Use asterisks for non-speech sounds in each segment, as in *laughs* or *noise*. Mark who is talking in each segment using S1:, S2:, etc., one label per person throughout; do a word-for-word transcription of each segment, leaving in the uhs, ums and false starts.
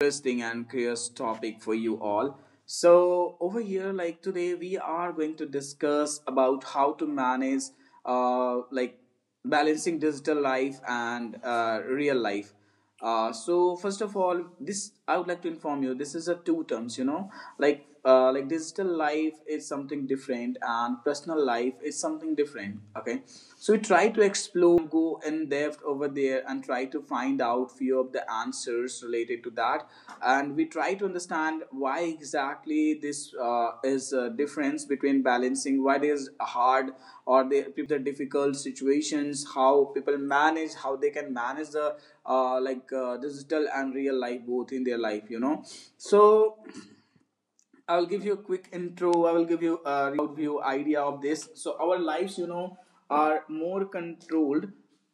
S1: Interesting and curious topic for you all. So over here, like today, we are going to discuss about how to manage, uh, like balancing digital life and uh, real life. Uh, so first of all, this I would like to inform you, this is a two terms, you know, like uh, like digital life is something different and personal life is something different. Okay, so we try to explore, go in depth over there, and try to find out few of the answers related to that. And we try try to understand why exactly this uh, is a difference between balancing, what is hard, or they people the difficult situations, how people manage, how they can manage the uh, like uh, digital and real life both in their life, you know. So I will give you a quick intro. I will give you a outview idea of this. So our lives, you know, are more controlled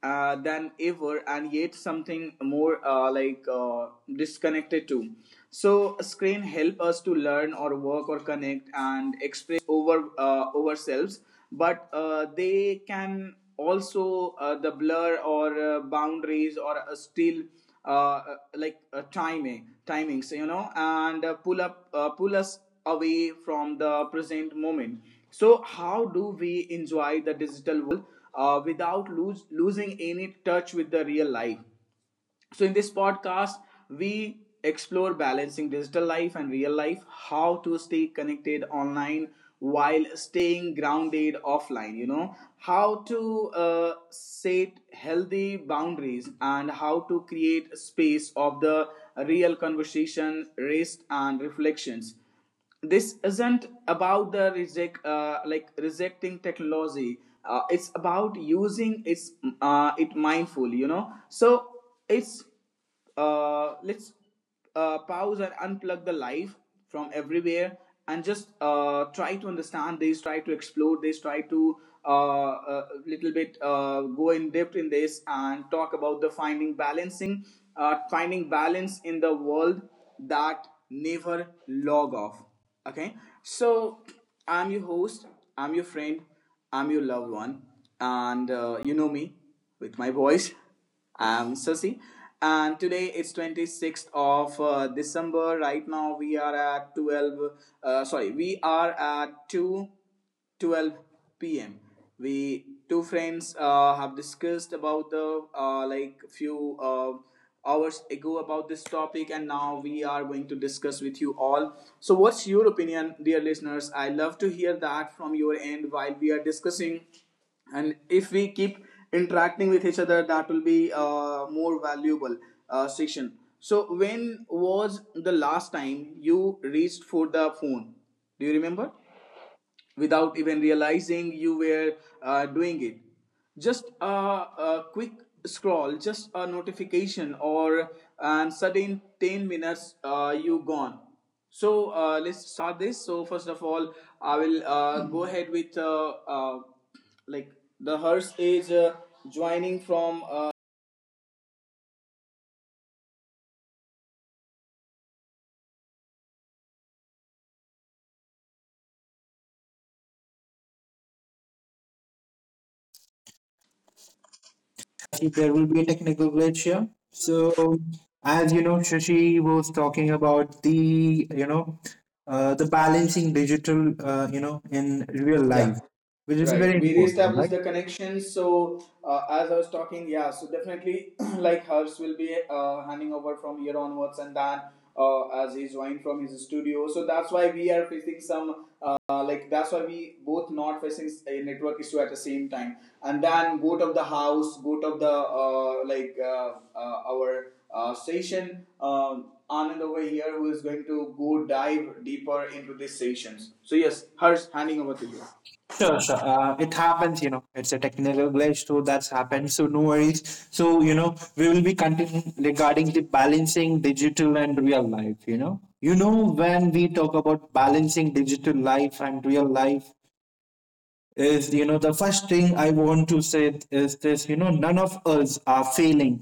S1: uh, than ever, and yet something more uh, like uh, disconnected too. So screen help us to learn or work or connect and express over uh, ourselves, but uh, they can also uh, the blur or uh, boundaries or uh, still uh, uh, like uh, timing timings, you know, and uh, pull up uh, pull us away from the present moment. So how do we enjoy the digital uh, without lose, losing any touch with the real life? So, in this podcast, we explore balancing digital life and real life, how to stay connected online while staying grounded offline, you know, how to uh, set healthy boundaries, and how to create space of the real conversation, rest, and reflections. This isn't about the reject uh, like rejecting technology. Uh, it's about using its uh, it mindfully, you know. So it's uh, let's uh, pause and unplug the life from everywhere, and just uh, try to understand this, try to explore this, try to a uh, uh, little bit uh, go in depth in this, and talk about the finding balancing uh, finding balance in the world that never log off. Okay, so I'm your host, I'm your friend, I'm your loved one, and uh, you know me with my voice. I'm Sasi, and today it's twenty-sixth of uh, December. Right now we are at twelve. Uh, sorry, we are at two twelve p m. We two friends uh, have discussed about the uh, like few uh, hours ago about this topic, and now we are going to discuss with you all. So, what's your opinion, dear listeners? I love to hear that from your end while we are discussing. And if we keep interacting with each other, that will be uh, more valuable uh, section. So when was the last time you reached for the phone, do you remember, without even realizing you were uh, doing it? Just a, a quick scroll, just a notification, or and sudden ten minutes uh, you gone. So uh, let's start this. So first of all, I will uh, go ahead with uh, uh, like the hearse is uh, joining from. Uh,
S2: If there will be a technical glitch here. So, as you know, Shashi was talking about the you know uh, the balancing digital, uh, you know in real
S1: Yeah.
S2: life, which is very
S1: Right, we
S2: important,
S1: reestablish
S2: right?
S1: the connection. So, uh, as I was talking, yeah, so definitely, *clears throat* like Hers will be uh, handing over from here onwards, and then uh, as he's joined from his studio. So that's why we are facing some, uh, like that's why we both not facing a network issue at the same time. And then go of the house, go of the uh, like uh, uh, our uh, session. Um, Anand over here who is going to go dive deeper into these sessions. So yes, Hers handing over to you right
S2: Sure,
S1: now.
S2: sure. Uh, it happens, you know. It's a technical glitch, so that's happened. So no worries. So you know, we will be continuing regarding the balancing digital and real life. You know, you know when we talk about balancing digital life and real life, is you know the first thing I want to say is this you know none of us are failing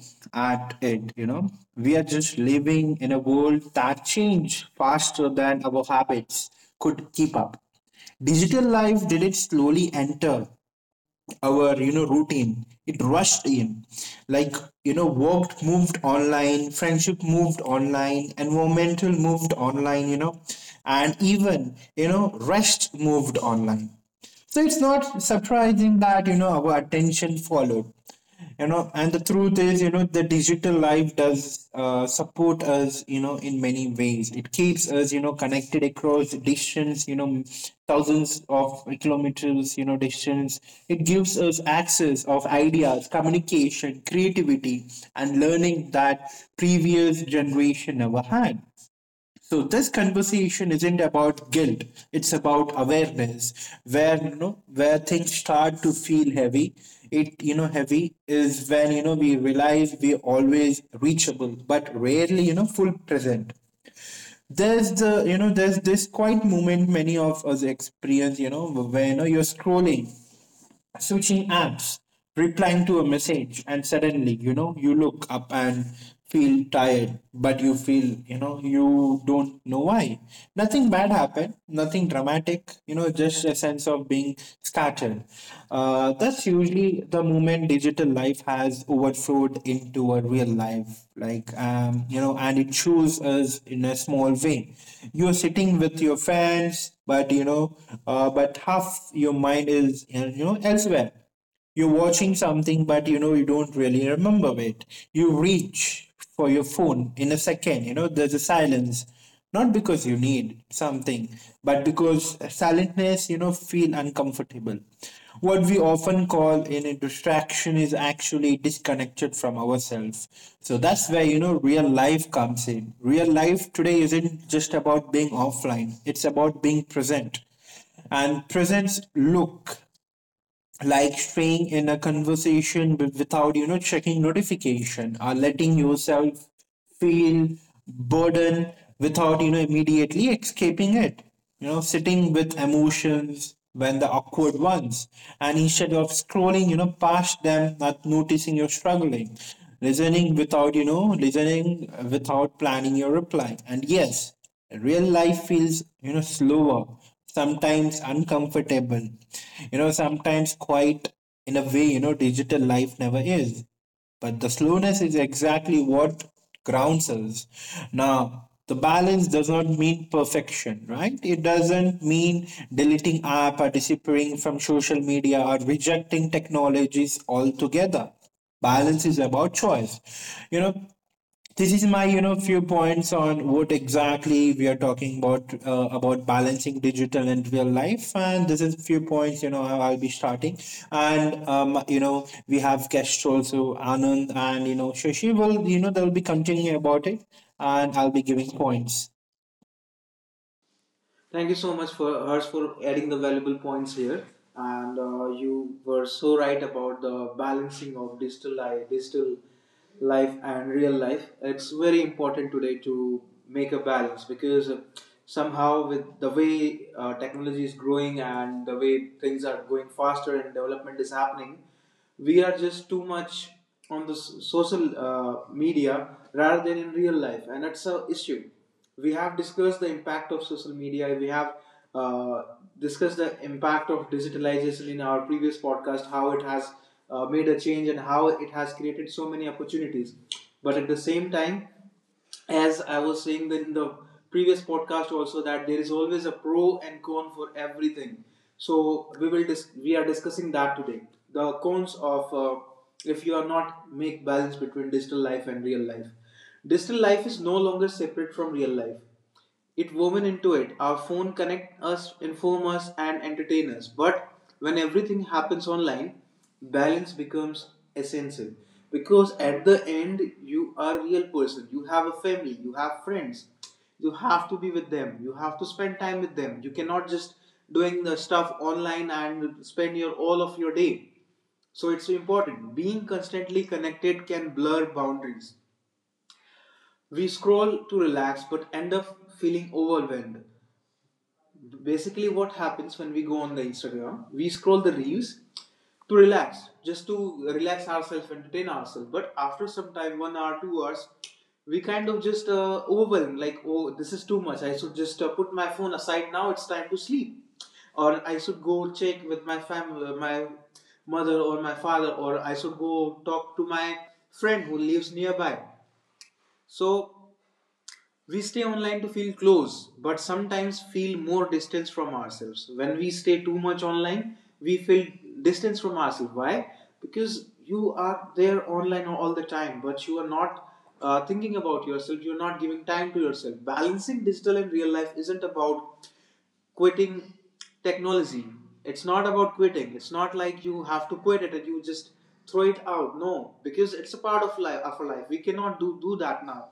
S2: at it you know We are just living in a world that change faster than our habits could keep up. Digital life did it slowly enter our you know routine? It rushed in, like, you know work moved online, friendship moved online, environmental moved online, you know and even you know rest moved online. So it's not surprising that you know our attention followed. You know, and the truth is, you know, the digital life does uh, support us, you know, in many ways. It keeps us, you know, connected across distance, you know, thousands of kilometers, you know, distance. It gives us access of ideas, communication, creativity, and learning that previous generation never had. So this conversation isn't about guilt; it's about awareness. Where you know where things start to feel heavy, it you know heavy is when you know we realize we're always reachable, but rarely you know full present. There's the you know there's this quiet moment many of us experience, you know where you know you're scrolling, switching apps, replying to a message, and suddenly, you know, you look up and feel tired, but you feel, you know, you don't know why. Nothing bad happened, nothing dramatic, you know, just a sense of being scattered. Uh, that's usually the moment digital life has overflowed into a real life, like, um, you know, and it shows us in a small way. You're sitting with your friends, but you know, uh, but half your mind is you know elsewhere. You're watching something, but you know you don't really remember it. You reach for your phone in a second. You know there's a silence, not because you need something, but because silentness you know feel uncomfortable. What we often call in a distraction is actually disconnected from ourselves. So that's where you know real life comes in. Real life today isn't just about being offline, it's about being present. And presence look like staying in a conversation with, without you know checking notification, or letting yourself feel burden without you know immediately escaping it, you know sitting with emotions when the awkward ones, and instead of scrolling you know past them, not noticing you're struggling, listening without you know listening without planning your reply. And yes, real life feels you know slower, sometimes uncomfortable, you know sometimes quite in a way you know digital life never is, but the slowness is exactly what grounds us now. The balance does not mean perfection, right? It doesn't mean deleting app or disappearing from social media or rejecting technologies altogether. Balance is about choice. you know this is my you know few points on what exactly we are talking about uh, about balancing digital and real life. And this is few points. You know I- i'll be starting, and um you know we have guests also, Anand, and you know Shashi will, you know they'll be continuing about it, and I'll be giving points.
S1: Thank you so much for Hers for adding the valuable points here. And uh, you were so right about the balancing of digital life, digital life and real life. It's very important today to make a balance, because uh, somehow with the way uh, technology is growing, and the way things are going faster and development is happening, we are just too much on the social uh, media rather than in real life, and that's a issue. We have discussed the impact of social media. We have uh, discussed the impact of digitalization in our previous podcast, how it has uh, made a change and how it has created so many opportunities. But at the same time, as I was saying that in the previous podcast also, that there is always a pro and con for everything. So we will dis- we are discussing that today. The cons of uh, if you are not make balance between digital life and real life. Digital life is no longer separate from real life, it woven into it. Our phone connect us, inform us, and entertain us. But when everything happens online, balance becomes essential, because at the end you are a real person. You have a family, you have friends, you have to be with them, you have to spend time with them. You cannot just doing the stuff online and spend your all of your day. So it's important. Being constantly connected can blur boundaries. We scroll to relax but end up feeling overwhelmed. Basically what happens when we go on the Instagram, we scroll the reels to relax, just to relax ourselves, entertain ourselves. But after some time, one hour, two hours, we kind of just uh, overwhelmed, like, oh, this is too much, I should just uh, put my phone aside. Now it's time to sleep, or I should go check with my family, my mother or my father, or I should go talk to my friend who lives nearby. So we stay online to feel close, but sometimes feel more distance from ourselves. When we stay too much online, we feel distance from ourselves. Why? Because you are there online all the time, but you are not uh, thinking about yourself. You're not giving time to yourself. Balancing digital and real life isn't about quitting technology. It's not about quitting. It's not like you have to quit it and you just throw it out. No, because it's a part of life. Of our life, we cannot do do that now.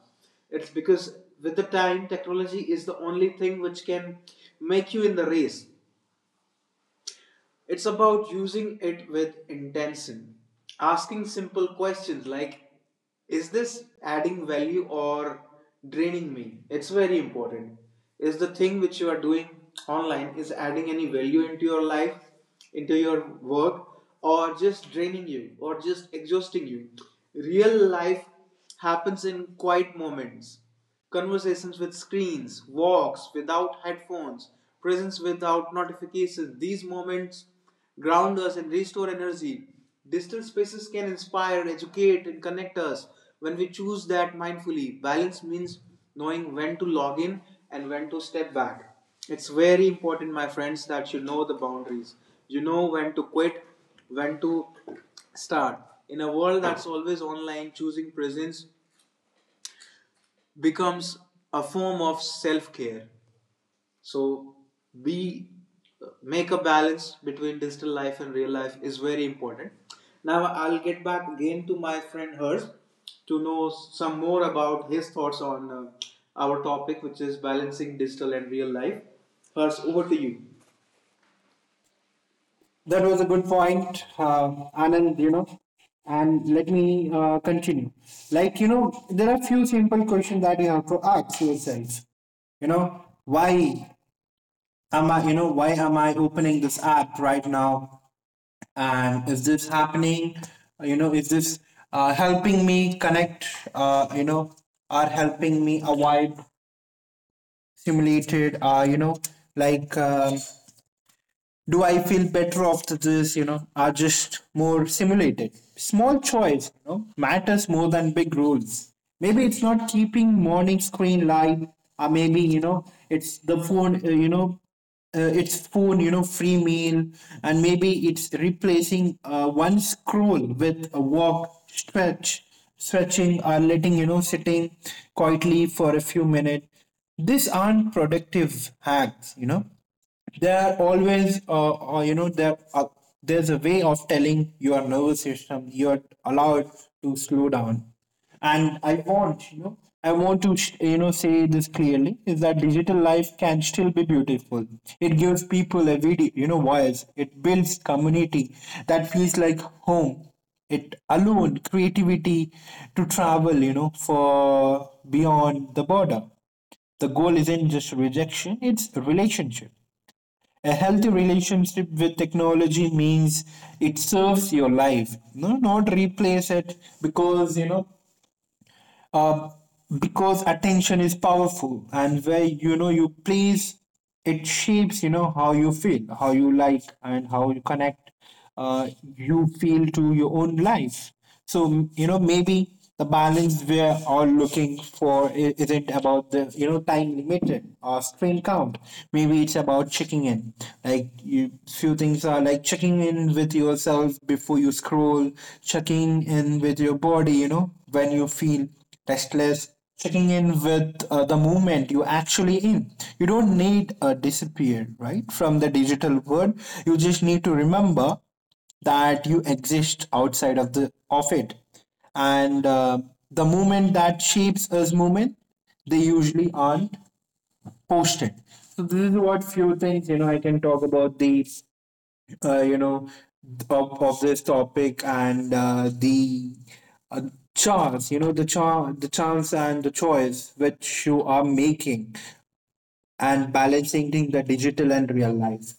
S1: It's because with the time, technology is the only thing which can make you in the race. It's about using it with intention, asking simple questions like, is this adding value or draining me? It's very important. Is the thing which you are doing online is adding any value into your life, into your work, or just draining you, or just exhausting you? Real life happens in quiet moments. Conversations with screens, walks without headphones, presence without notifications. These moments ground us and restore energy. Digital spaces can inspire, educate, and connect us when we choose that mindfully. Balance means knowing when to log in and when to step back. It's very important, my friends, that you know the boundaries. You know when to quit, when to start. In a world that's always online, choosing presence becomes a form of self care. So, be make a balance between digital life and real life is very important. Now, I'll get back again to my friend Hers to know some more about his thoughts on uh, our topic, which is balancing digital and real life. Hers, over to you.
S2: That was a good point, uh, Anand, you know. And let me uh, continue. Like, you know, there are few simple questions that you have to ask yourself. You know, why? am I, you know, why am I opening this app right now? And is this happening? You know, is this uh, helping me connect, uh, you know, or helping me avoid simulated, uh, you know, like um do I feel better after this? You know, are just more simulated. Small choice, you know, matters more than big rules. Maybe it's not keeping morning screen light, or maybe you know, it's the phone. Uh, you know, uh, it's phone. You know, free meal, and maybe it's replacing uh, one scroll with a walk, stretch, stretching, or letting you know, sitting quietly for a few minutes. These aren't productive hacks. you know there are always, uh, uh, you know, there uh, there's a way of telling your nervous system you're allowed to slow down. And I want, you know, I want to, sh- you know, say this clearly is that digital life can still be beautiful. It gives people a video, you know, voice. It builds community that feels like home. It alone creativity to travel you know for beyond the border. The goal isn't just rejection, it's relationship. A healthy relationship with technology means it serves your life, no, not replace it, because you know uh, because attention is powerful, and where you know you please it shapes you know how you feel, how you like, and how you connect, uh, you feel to your own life. So you know maybe the balance we're all looking for i- isn't about the you know time limited or screen count. Maybe it's about checking in, like you few things are, like checking in with yourself before you scroll, checking in with your body you know when you feel restless, checking in with uh, the movement you actually in. You don't need a disappear, right, from the digital world. You just need to remember that you exist outside of the of it. And uh, the movement that shapes us movement, they usually aren't posted. So this is what few things you know I can talk about the uh, you know of, of this topic, and uh, the uh, chance you know the chance the chance, and the choice which you are making, and balancing the the digital and real life.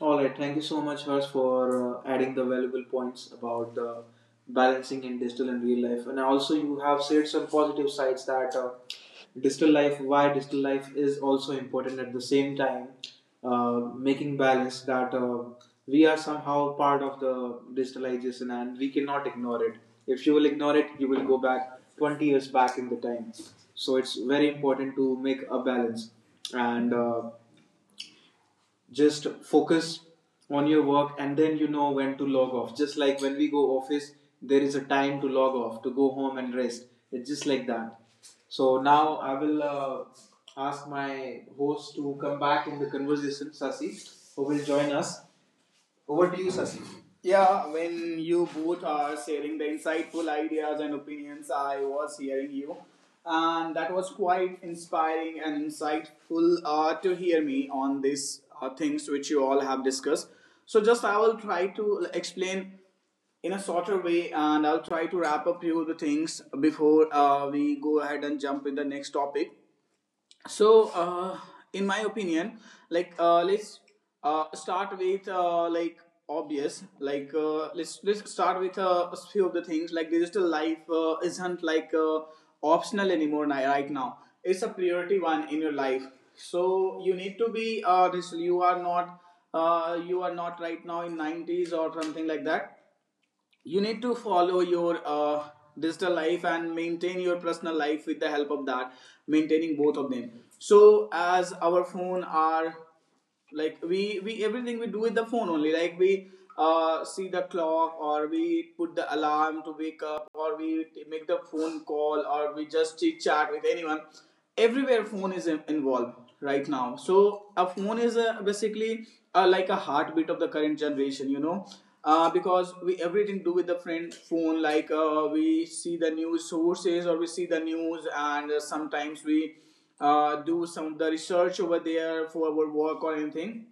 S1: All right. Thank you so much, Harsh, for uh, adding the valuable points about the balancing in digital and real life. And also, you have said some positive sides that uh, digital life, why digital life is also important at the same time, uh, making balance that uh, we are somehow part of the digitalization and we cannot ignore it. If you will ignore it, you will go back twenty years back in the time. So, it's very important to make a balance and uh, just focus on your work, and then you know when to log off. Just like when we go office, there is a time to log off to go home and rest. It's just like that. So now I will uh, ask my host to come back in the conversation, Sasi, who will join us. Over to you, Sasi. Yeah, when you both are sharing the insightful ideas and opinions, I was hearing you. And that was quite inspiring and insightful uh, to hear me on these uh, things which you all have discussed. So, just I will try to explain in a shorter way, and I'll try to wrap up few of the things before uh, we go ahead and jump in the next topic. So, uh, in my opinion, like uh, let's uh, start with uh, like obvious, like uh, let's let's start with uh, a few of the things, like digital life uh, isn't like uh, optional anymore. Ni- right now it's a priority one in your life. So you need to be uh, this you are not uh, you are not right now in nineties or something like that. You need to follow your uh, digital life and maintain your personal life with the help of that, maintaining both of them. So, as our phone are, like, we we everything we do with the phone only. Like, we uh, see the clock, or we put the alarm to wake up, or we t- make the phone call, or we just chit chat with anyone. Everywhere phone is in- involved right now. So a phone is, a, basically, uh like a heartbeat of the current generation, you know, uh, because we everything do with the friend phone. Like, uh, we see the news sources, or we see the news. And uh, sometimes we uh, do some of the research over there for our work or anything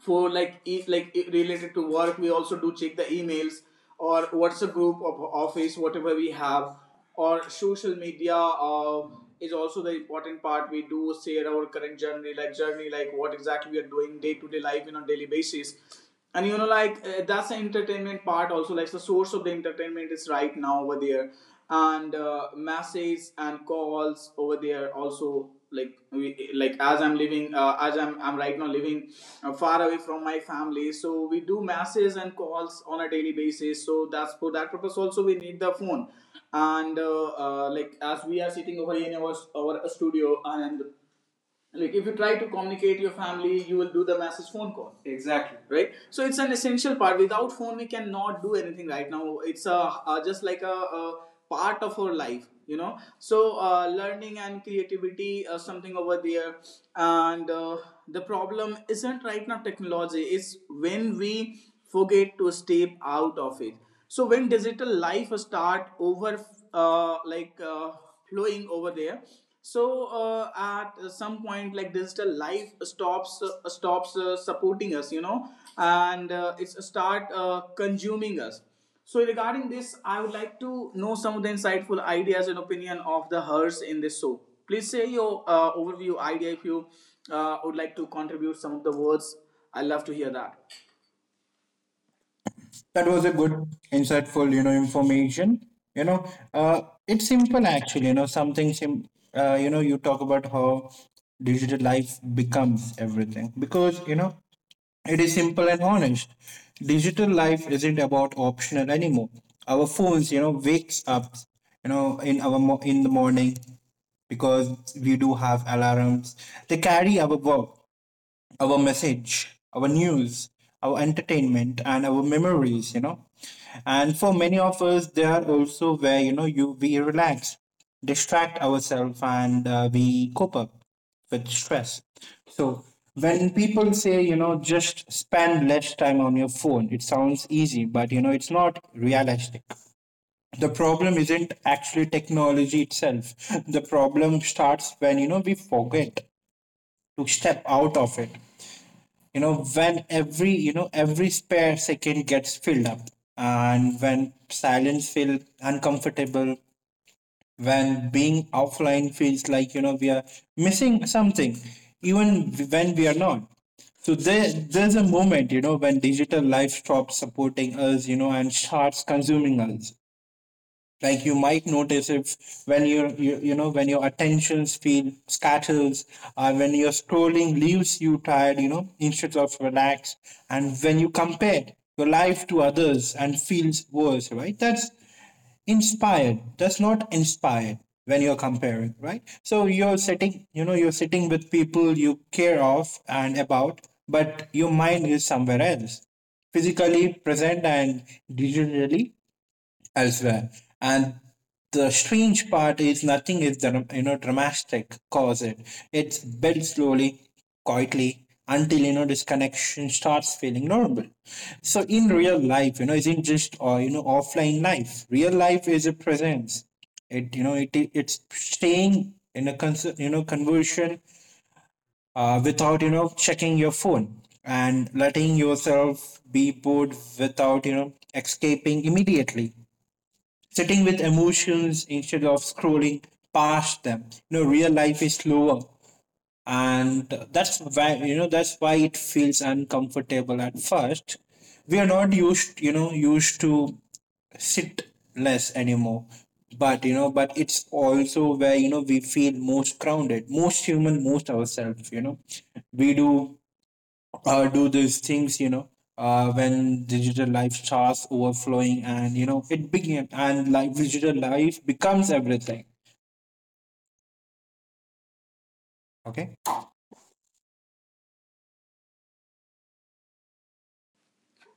S1: for, like, each, like, related to work. We also do check the emails or WhatsApp group of office, whatever we have. Or social media uh, is also the important part. We do share our current journey like journey, like what exactly we are doing day to day life in on daily basis. And you know like uh, that's the entertainment part also, like the source of the entertainment is right now over there. And uh, messages and calls over there also, like we like as I'm living, uh, as I'm I'm right now living uh, far away from my family. So we do messages and calls on a daily basis. So that's, for that purpose also, we need the phone. And uh, uh, like, as we are sitting over here in our our studio, and like if you try to communicate your family, you will do the massive phone call. Exactly, right. So it's an essential part. Without phone we cannot do anything right now. It's a, uh just like a, a part of our life you know So uh, learning and creativity, uh, something over there. And uh, the problem isn't right now technology, it's when we forget to step out of it. So when digital life start over uh, like uh, flowing over there, so uh, at some point, like, digital life stops uh, stops uh, supporting us, you know. And uh, it's start uh, consuming us. So regarding this, I would like to know some of the insightful ideas and opinion of the Hers in this show. Please say your uh, overview idea. If you uh, would like to contribute some of the words, I love to hear that.
S2: That was a good, insightful, you know, information. You know, uh, it's simple actually. You know, something sim. Uh, you know, you talk about how digital life becomes everything, because you know It is simple and honest. Digital life isn't about optional anymore. Our phones, you know, wakes up, you know, in our mo- in the morning because we do have alarms. They carry our work, our message, our news, our entertainment, and our memories, you know. And for many of us, they are also where, you know, you we relax, distract ourselves, and uh, we cope up with stress. So when people say, you know, just spend less time on your phone, it sounds easy, but you know, it's not realistic. The problem isn't actually technology itself. The problem starts when, you know, we forget to step out of it, you know when every you know every spare second gets filled up, and when silence feels uncomfortable, when being offline feels like you know we are missing something even when we are not. So there there's a moment, you know when digital life stops supporting us, you know and starts consuming us, like you might notice if when your you, you know when your attention span scatters, uh, when your scrolling leaves you tired, you know instead of relaxed, and when you compare your life to others and feels worse, right? That's inspired. That's not inspired when you're comparing, right? So you're sitting, you know, you're sitting with people you care of and about, but your mind is somewhere else, physically present and digitally elsewhere. And the strange part is nothing is dra- you know dramatic cause it. It's built slowly, quietly, until you know this connection starts feeling normal. So in real life, you know, isn't just uh, you know offline life. Real life is a presence. It you know it it's staying in a cons- you know conversion, uh, without you know checking your phone, and letting yourself be bored without you know escaping immediately, sitting with emotions instead of scrolling past them. You know, real life is slower, and that's why you know that's why it feels uncomfortable at first. We are not used, you know, used to sit less anymore. But you know, but it's also where you know we feel most grounded, most human, most ourselves. You know, we do uh, do these things, you know, uh, when digital life starts overflowing and, you know, it began, and like digital life becomes everything. Okay.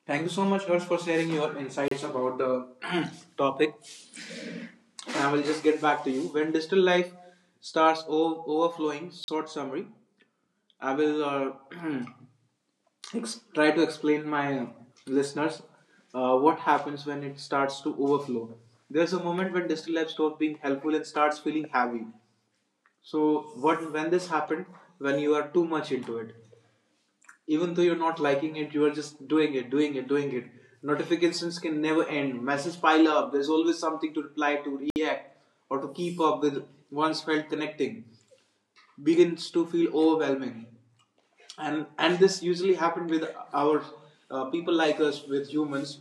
S1: Thank you so much, Harsh, for sharing your insights about the *clears throat* topic. I will just get back to you. When digital life starts o- overflowing, short summary, I will uh, *clears throat* ex- try to explain my listeners uh, what happens when it starts to overflow. There's a moment when digital life stops being helpful and starts feeling heavy. So, what when this happened? When you are too much into it, even though you're not liking it, you are just doing it, doing it, doing it. Notifications can never end, messages pile up, there's always something to reply, to react, or to keep up with. One's felt connecting begins to feel overwhelming. And and this usually happens with our uh, people, like us, with humans,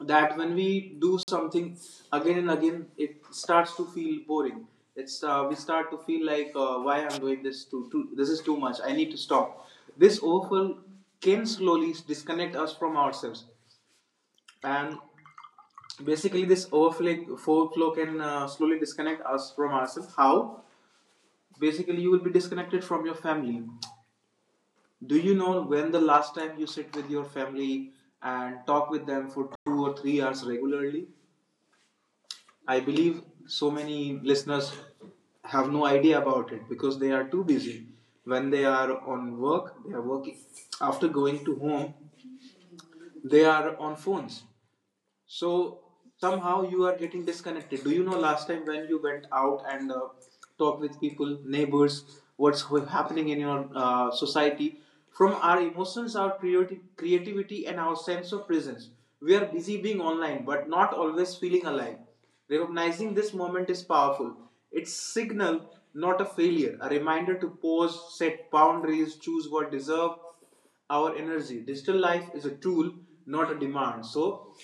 S1: that when we do something again and again, it starts to feel boring. It's uh, we start to feel like, uh, why I'm doing this too, too. This is too much. I need to stop. This overfill can slowly disconnect us from ourselves, and basically this overflow overflow can uh, slowly disconnect us from ourselves. How? Basically, you will be disconnected from your family. Do you know when the last time you sit with your family and talk with them for two or three hours regularly? I believe so many listeners have no idea about it because they are too busy. When they are on work, they are working. After going to home, they are on phones. So somehow you are getting disconnected. Do you know last time when you went out and uh, talked with people, neighbors, what's ho- happening in your uh, society? From our emotions, our creati- creativity, and our sense of presence, we are busy being online, but not always feeling alive. Recognizing this moment is powerful. It's signal, not a failure. A reminder to pause, set boundaries, choose what deserve our energy. Digital life is a tool, not a demand. So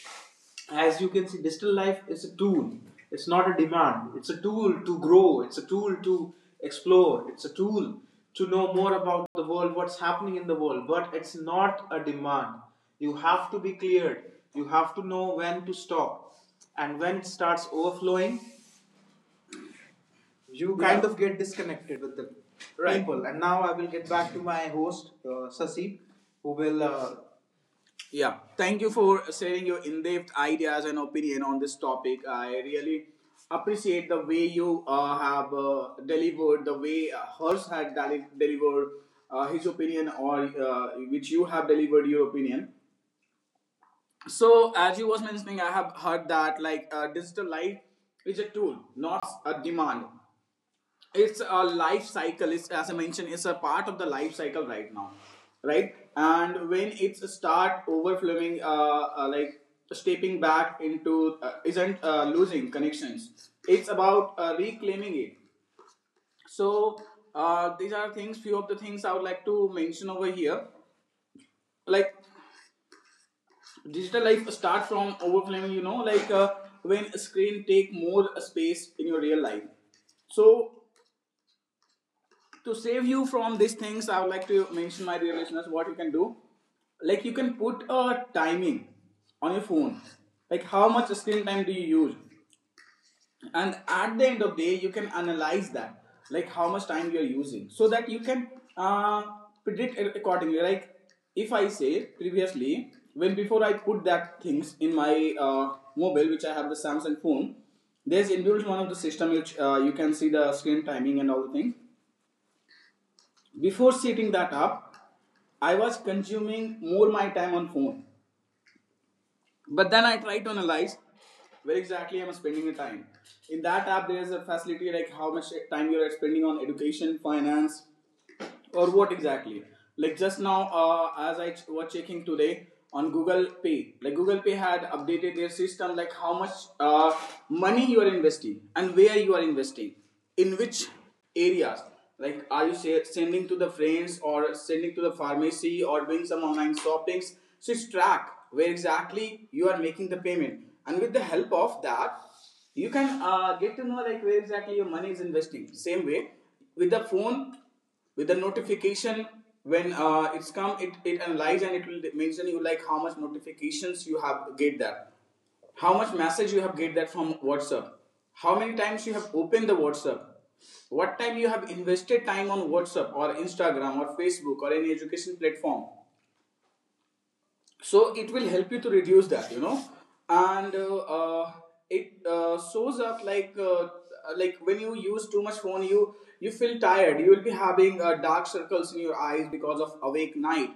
S1: as you can see, digital life is a tool. It's not a demand. It's a tool to grow. It's a tool to explore. It's a tool to know more about the world, what's happening in the world. But it's not a demand. You have to be cleared. You have to know when to stop. And when it starts overflowing, you, yeah, kind, yeah, of get disconnected with the, right, people. And now I will get back to my host, uh, Sasi, who will uh, yeah, thank you for sharing your in-depth ideas and opinion on this topic. I really appreciate the way you uh, have uh, delivered, the way uh, Hers had deli- delivered uh, his opinion, or uh, which you have delivered your opinion. So, as you was mentioning, I have heard that, like, uh, digital life is a tool, not a demand. It's a life cycle. It's, as I mentioned, it's a part of the life cycle right now, right? And when it's start overflowing, uh, uh like, stepping back into uh, isn't uh, losing connections, it's about uh, reclaiming it. So uh, these are things, few of the things I would like to mention over here, like digital life start from overflowing, you know, like uh, when screen take more space in your real life. So to save you from these things, I would like to mention, my dear listeners, what you can do. Like, you can put a timing on your phone, like how much screen time do you use, and at the end of the day you can analyze that, like how much time you are using so that you can uh, predict it accordingly. Like, if I say previously, when before I put that things in my uh, mobile, which I have the Samsung phone, there's inbuilt one of the system which uh, you can see the screen timing and all the things. Before setting that up, I was consuming more my time on phone. But then I tried to analyze where exactly I'm spending the time. In that app, there is a facility, like how much time you're spending on education, finance, or what exactly. Like, just now uh, as I ch- was checking today on Google Pay, like Google Pay had updated their system, like how much uh, money you are investing and where you are investing, in which areas, like are you sa- sending to the friends, or sending to the pharmacy, or doing some online shoppings. So it's track where exactly you are making the payment, and with the help of that you can uh, get to know, like, where exactly your money is investing. Same way with the phone, with the notification, when uh, it's come, it, it analyze, and it will mention you, like how much notifications you have get that, how much message you have get that from WhatsApp, how many times you have opened the WhatsApp, what time you have invested time on WhatsApp or Instagram or Facebook or any education platform. So it will help you to reduce that, you know. And uh, uh, it uh, shows up, like uh, like when you use too much phone, you you feel tired. You will be having uh, dark circles in your eyes because of awake night,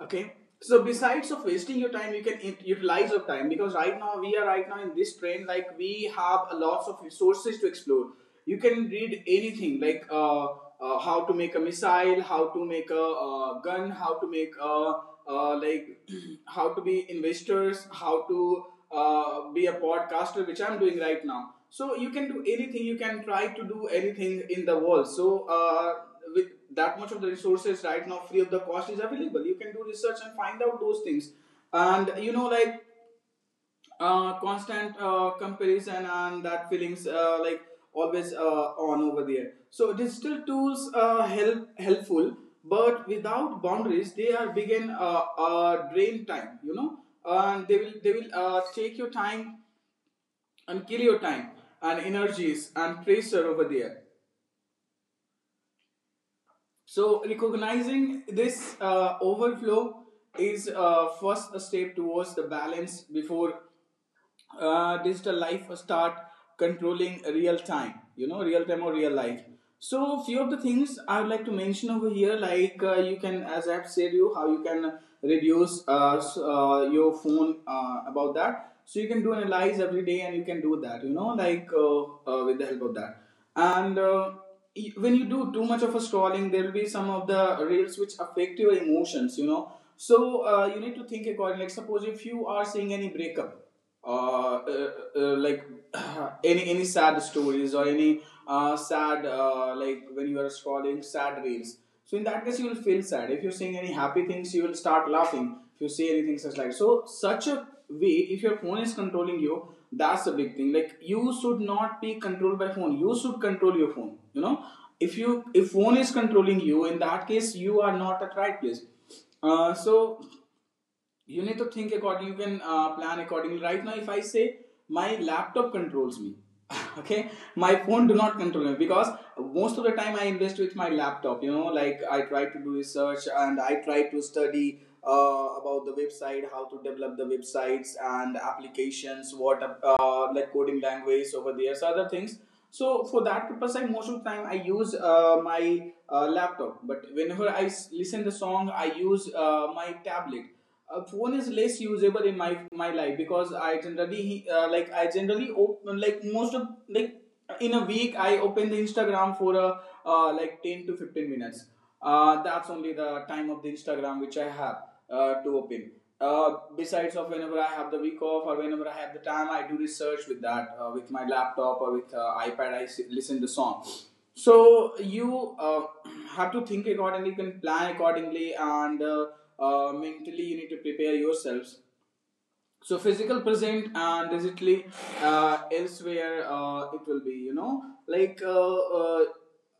S1: okay. So besides of wasting your time, you can ut- utilize your time, because right now we are right now in this trend, like we have a lots of resources to explore. You can read anything, like uh, uh, how to make a missile, how to make a, uh gun, how to make a uh, like *clears throat* how to be investors, how to uh, be a podcaster, which I'm doing right now. So you can do anything. You can try to do anything in the world. So, uh, with that much of the resources right now, free of the cost is available. You can do research and find out those things. And you know, like uh, constant uh, comparison and that feelings uh, like always uh, on over there. So digital tools uh, help helpful but without boundaries they are begin uh, uh, drain time, you know, and they will they will uh, take your time and kill your time and energies and pressure over there. So recognizing this uh, overflow is uh, first a step towards the balance before uh, digital life start controlling real time, you know, real time or real life. So few of the things I would like to mention over here, like uh, you can, as I have said, you how you can reduce uh, s- uh, your phone uh, about that. So you can do analyze every day and you can do that, you know, like uh, uh, with the help of that. And uh, y- when you do too much of a scrolling, there will be some of the reels which affect your emotions, you know. So uh, you need to think accordingly. Like suppose if you are seeing any breakup uh, uh, uh, like *clears throat* any any sad stories or any uh, sad uh, like when you are scrolling sad reels. So in that case, you will feel sad. If you're seeing any happy things, you will start laughing. If you see anything such, like so, such a way, if your phone is controlling you, that's a big thing. Like you should not be controlled by phone. You should control your phone. You know, if you if phone is controlling you, in that case, you are not at right place. Uh, so you need to think according, you can uh, plan accordingly. Right now, if I say my laptop controls me, *laughs* okay, my phone do not control me, because most of the time I invest with my laptop, you know, like I try to do research and I try to study uh, about the website, how to develop the websites and applications, what uh, like coding language over there, so other things. So for that purpose, I most of the time I use uh, my uh, laptop. But whenever i s- listen the song, I use uh, my tablet. Uh, phone is less usable in my my life because I generally uh, like I generally open, like most of, like in a week I open the Instagram for a uh, like ten to fifteen minutes. Uh, that's only the time of the Instagram which I have uh, to open. Uh, besides of whenever I have the week off or whenever I have the time, I do research with that uh, with my laptop or with uh, iPad. I listen to song. So you uh, *clears throat* have to think accordingly, you can plan accordingly, and uh, uh, mentally you need to prepare yourselves. So physical present and digitally uh, elsewhere uh, it will be, you know, like uh, uh,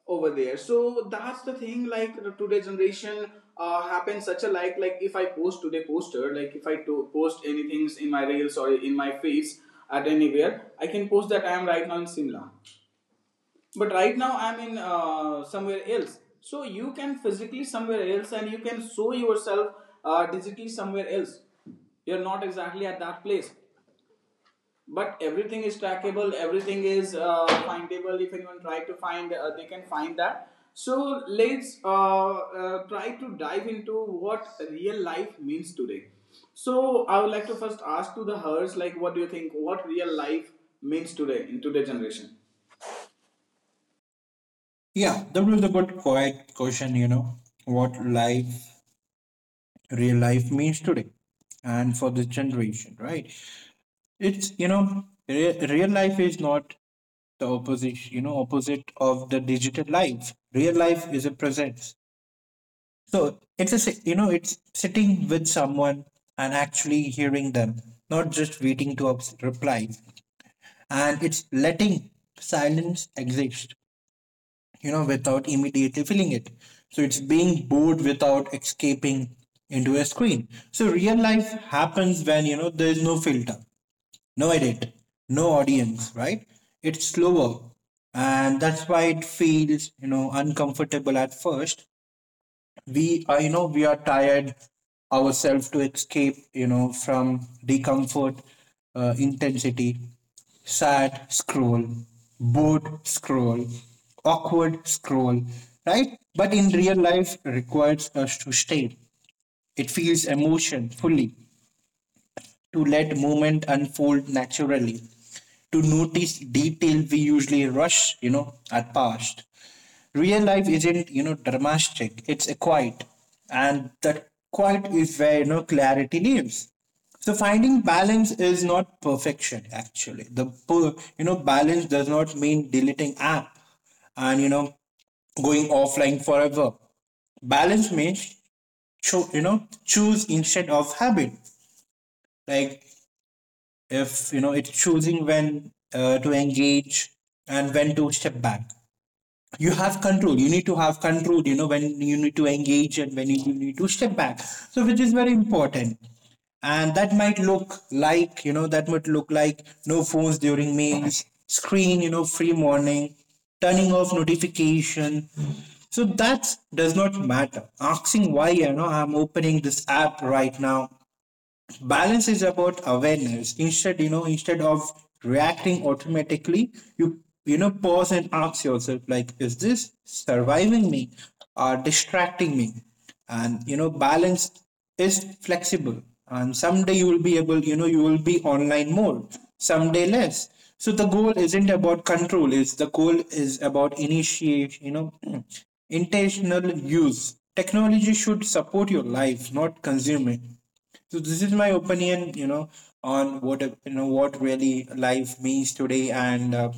S1: over there. So that's the thing. Like the today generation uh, happens such a, like like if I post today poster, like if I to post anything in my reels or in my feeds at anywhere, I can post that I am right now in Simla, but right now i'm in uh, somewhere else. So you can physically somewhere else and you can show yourself uh, digitally somewhere else. You're not exactly at that place, but everything is trackable, everything is uh, findable. If anyone try to find, uh, they can find that. So let's uh, uh, try to dive into what real life means today. So I would like to first ask to the Hers, like what do you think what real life means today in today's generation?
S2: Yeah, that was a good quiet question, you know, what life, real life means today and for this generation, right? It's, you know, re- real life is not the opposite, you know, opposite of the digital life. Real life is a presence. So it's a si- you know it's sitting with someone and actually hearing them, not just waiting to ups- reply, and it's letting silence exist, you know, without immediately filling it. So it's being bored without escaping into a screen. So real life happens when you know there is no filter, no edit, no audience, right? It's slower, and that's why it feels you know uncomfortable at first. We are you know we are tired ourselves to escape you know from discomfort, uh, intensity, sad scroll, bored scroll, awkward scroll, right? But in real life requires us to stay, it feels emotion fully, to let movement unfold naturally, to notice detail we usually rush, you know, are past. Real life isn't, you know, dramatic, it's a quiet. And that quiet is where, you know, clarity lives. So finding balance is not perfection, actually. The, per- you know, Balance does not mean deleting app and, you know, going offline forever. Balance means cho- you know choose instead of habit. Like if you know it's choosing when uh, to engage and when to step back. You have control, you need to have control, you know when you need to engage and when you need to step back, so which is very important. And that might look like you know that might look like no phones during meals, screen you know free morning, turning off notification, so that does not matter. Asking why you know I'm opening this app right now. Balance is about awareness, instead you know instead of reacting automatically, you you know pause and ask yourself, like is this surviving me or distracting me. And you know balance is flexible, and someday you will be able you know you will be online more, someday less. So the goal isn't about control, is the goal is about initiate you know *clears throat* intentional use. Technology should support your life, not consume it. So this is my opinion, you know, on what uh, you know what really life means today, and uh,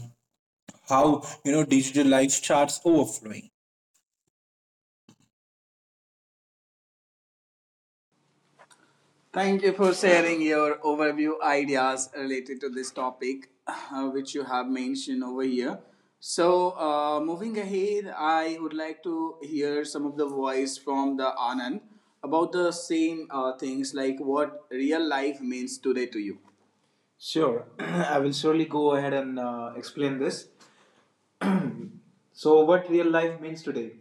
S2: how you know digital life starts overflowing.
S1: Thank you for sharing your overview ideas related to this topic, uh, which you have mentioned over here. So, uh, moving ahead, I would like to hear some of the voice from the Anand about the same uh, things, like what real life means today to you. Sure, *clears throat* I will surely go ahead and uh, explain this. So, what real life means today?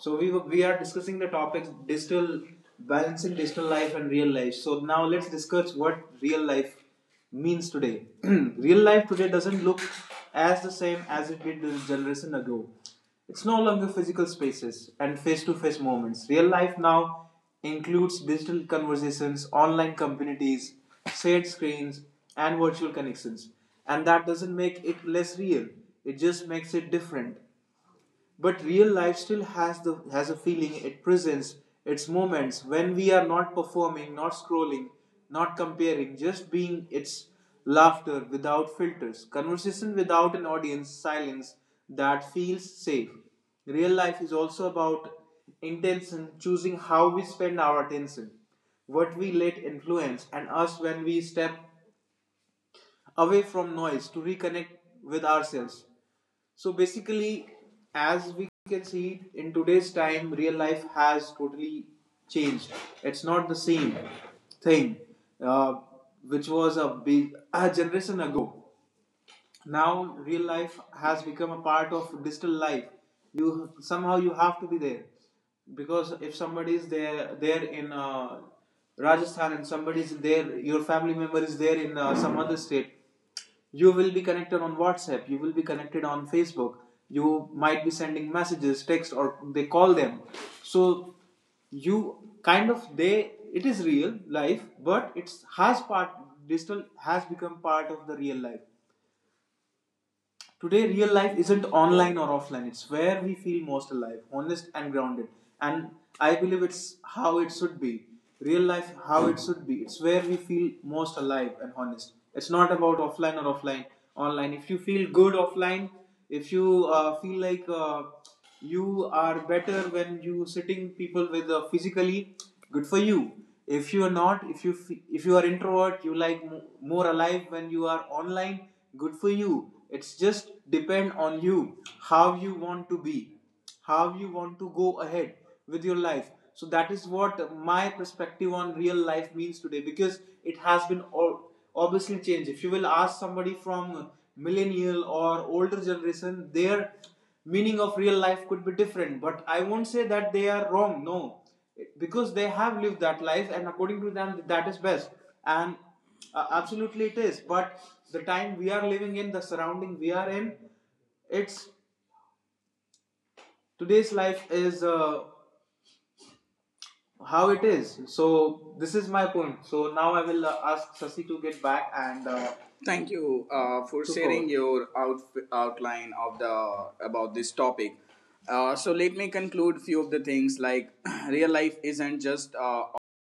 S1: So, we we are discussing the topics digital balancing, digital life and real life. So now let's discuss what real life means today. *clears throat* Real life today doesn't look as the same as it did a generation ago. It's no longer physical spaces and face-to-face moments. Real life now includes digital conversations, online communities, shared screens, and virtual connections. And that doesn't make it less real. It just makes it different. But real life still has the has a feeling, it presents its moments when we are not performing, not scrolling, not comparing, just being. Its laughter without filters, conversation without an audience, silence that feels safe. Real life is also about intention, choosing how we spend our attention, what we let influence and us, when we step away from noise to reconnect with ourselves. So basically, as we can see in today's time, real life has totally changed. It's not the same thing uh, which was a big a generation ago. Now real life has become a part of digital life. You somehow you have to be there, because if somebody is there there in uh, Rajasthan and somebody is there, your family member is there in uh, some other state, you will be connected on WhatsApp, you will be connected on Facebook, you might be sending messages, text, or they call them. So you kind of, they, it is real life, but it's has part, digital has become part of the real life. Today, real life isn't online or offline, it's where we feel most alive, honest, and grounded. And I believe it's how it should be. Real life, how it should be. It's where we feel most alive and honest. It's not about offline or offline, online. If you feel good offline, if you uh, feel like uh, you are better when you sitting people with uh, physically, good for you. If you are not, if you f- if you are introvert, you like mo- more alive when you are online, good for you. It's just depend on you how you want to be, how you want to go ahead with your life. So that is what my perspective on real life means today, because it has been all obviously changed. If you will ask somebody from millennial or older generation, their meaning of real life could be different, but I won't say that they are wrong. No, because they have lived that life and according to them that is best, and uh, absolutely it is. But the time we are living in, the surrounding we are in, it's today's life is uh, how it is. So this is my point. So now I will uh, ask Sasi to get back and uh, Thank you uh, for sharing your out- outline of the about this topic. Uh, so let me conclude few of the things, like *clears throat* real life isn't just uh,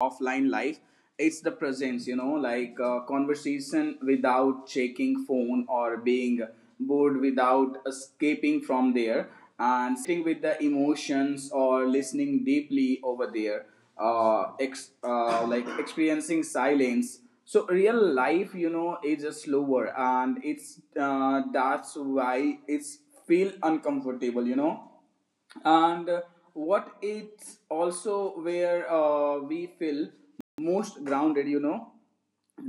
S1: offline life; it's the presence. You know, like uh, conversation without checking phone or being board without escaping from there, and sitting with the emotions or listening deeply over there, uh, ex- uh, like experiencing silence. So real life, you know, is just slower and it's uh, that's why it's feel uncomfortable, you know. And uh, what it's also where uh, we feel most grounded, you know,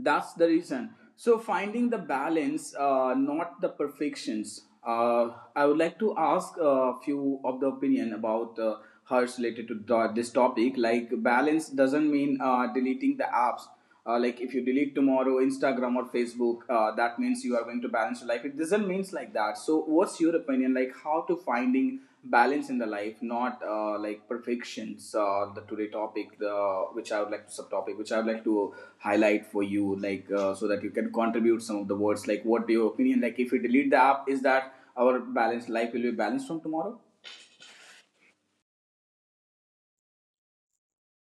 S1: that's the reason. So finding the balance, uh, not the perfections. Uh, i would like to ask a few of the opinion about uh, Hers related to th- this topic, like balance doesn't mean uh, deleting the apps. Uh, like, if you delete tomorrow Instagram or Facebook, uh, that means you are going to balance your life? It doesn't means like that. So what's your opinion, like how to finding balance in the life, not uh, like perfections? Uh, the today topic, the which I would like to subtopic which I would like to highlight for you, like uh, so that you can contribute some of the words, like what do your opinion, like if you delete the app, is that our balanced life will be balanced from tomorrow?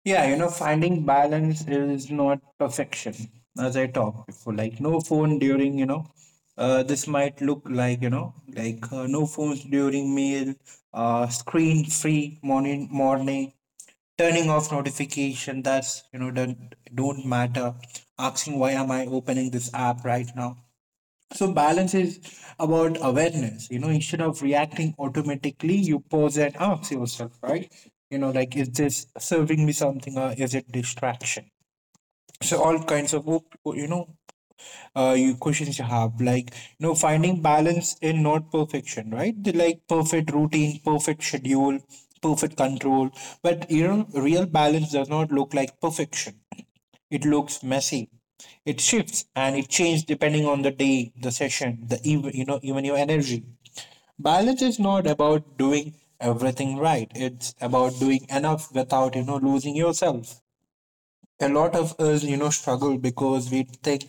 S2: Yeah, you know, finding balance is not perfection, as I talked before. Like no phone during you know, uh, This might look like you know like uh, no phones during meal, uh, screen free morning morning, turning off notification. That's you know don't don't matter. Asking why am I opening this app right now? So balance is about awareness. You know, instead of reacting automatically, you pause and ask yourself, right? You know, like is this serving me something or is it distraction? So all kinds of op- you know, uh, you questions you have, like you know, finding balance in not perfection, right? The, like perfect routine, perfect schedule, perfect control, but you know, real balance does not look like perfection. It looks messy. It shifts and it changes depending on the day, the session, the even you know even your energy. Balance is not about doing everything right. It's about doing enough without you know losing yourself. A lot of us, you know, struggle because we think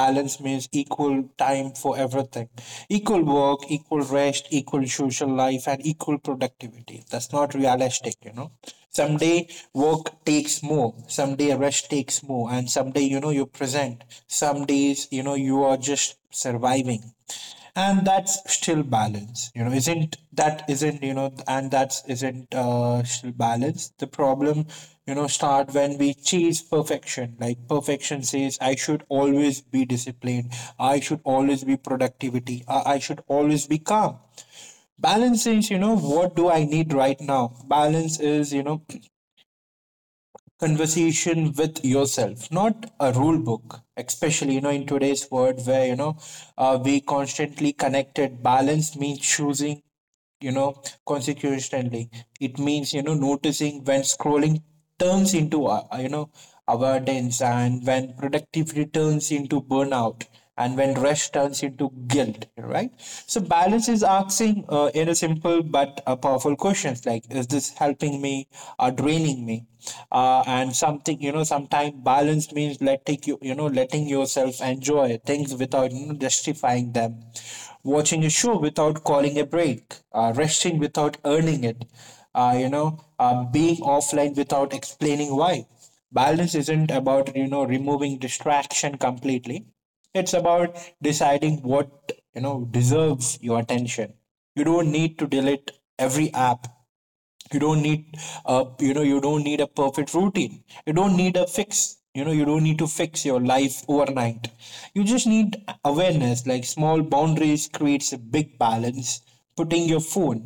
S2: balance means equal time for everything, equal work, equal rest, equal social life, and equal productivity. That's not realistic, you know. Someday work takes more, someday rest takes more, and someday, you know, you present. Some days, you know, you are just surviving, and that's still balance, you know isn't that isn't you know and that's isn't uh still balance. The problem you know start when we chase perfection. Like perfection says I should always be disciplined, I should always be productivity, i, I should always be calm. Balance is you know what do I need right now. Balance is you know conversation with yourself, not a rule book, especially you know in today's world, where you know uh, we constantly connected. Balance means choosing you know consequently. It means you know noticing when scrolling turns into uh, uh, you know avoidance, and when productivity turns into burnout, and when rush turns into guilt, right? So balance is asking uh, in a simple but a powerful questions, like is this helping me or draining me. Uh, and something you know sometimes balance means, like, take you you you know letting yourself enjoy things without you know, justifying them. Watching a show without calling a break, uh, resting without earning it, uh, you know uh, being offline without explaining why. Balance isn't about you know removing distraction completely. It's about deciding what you know deserves your attention. You don't need to delete every app. you don't need uh, you know you don't need a perfect routine. You don't need a fix you know you don't need to fix your life overnight. You just need awareness, like small boundaries creates a big balance. putting your phone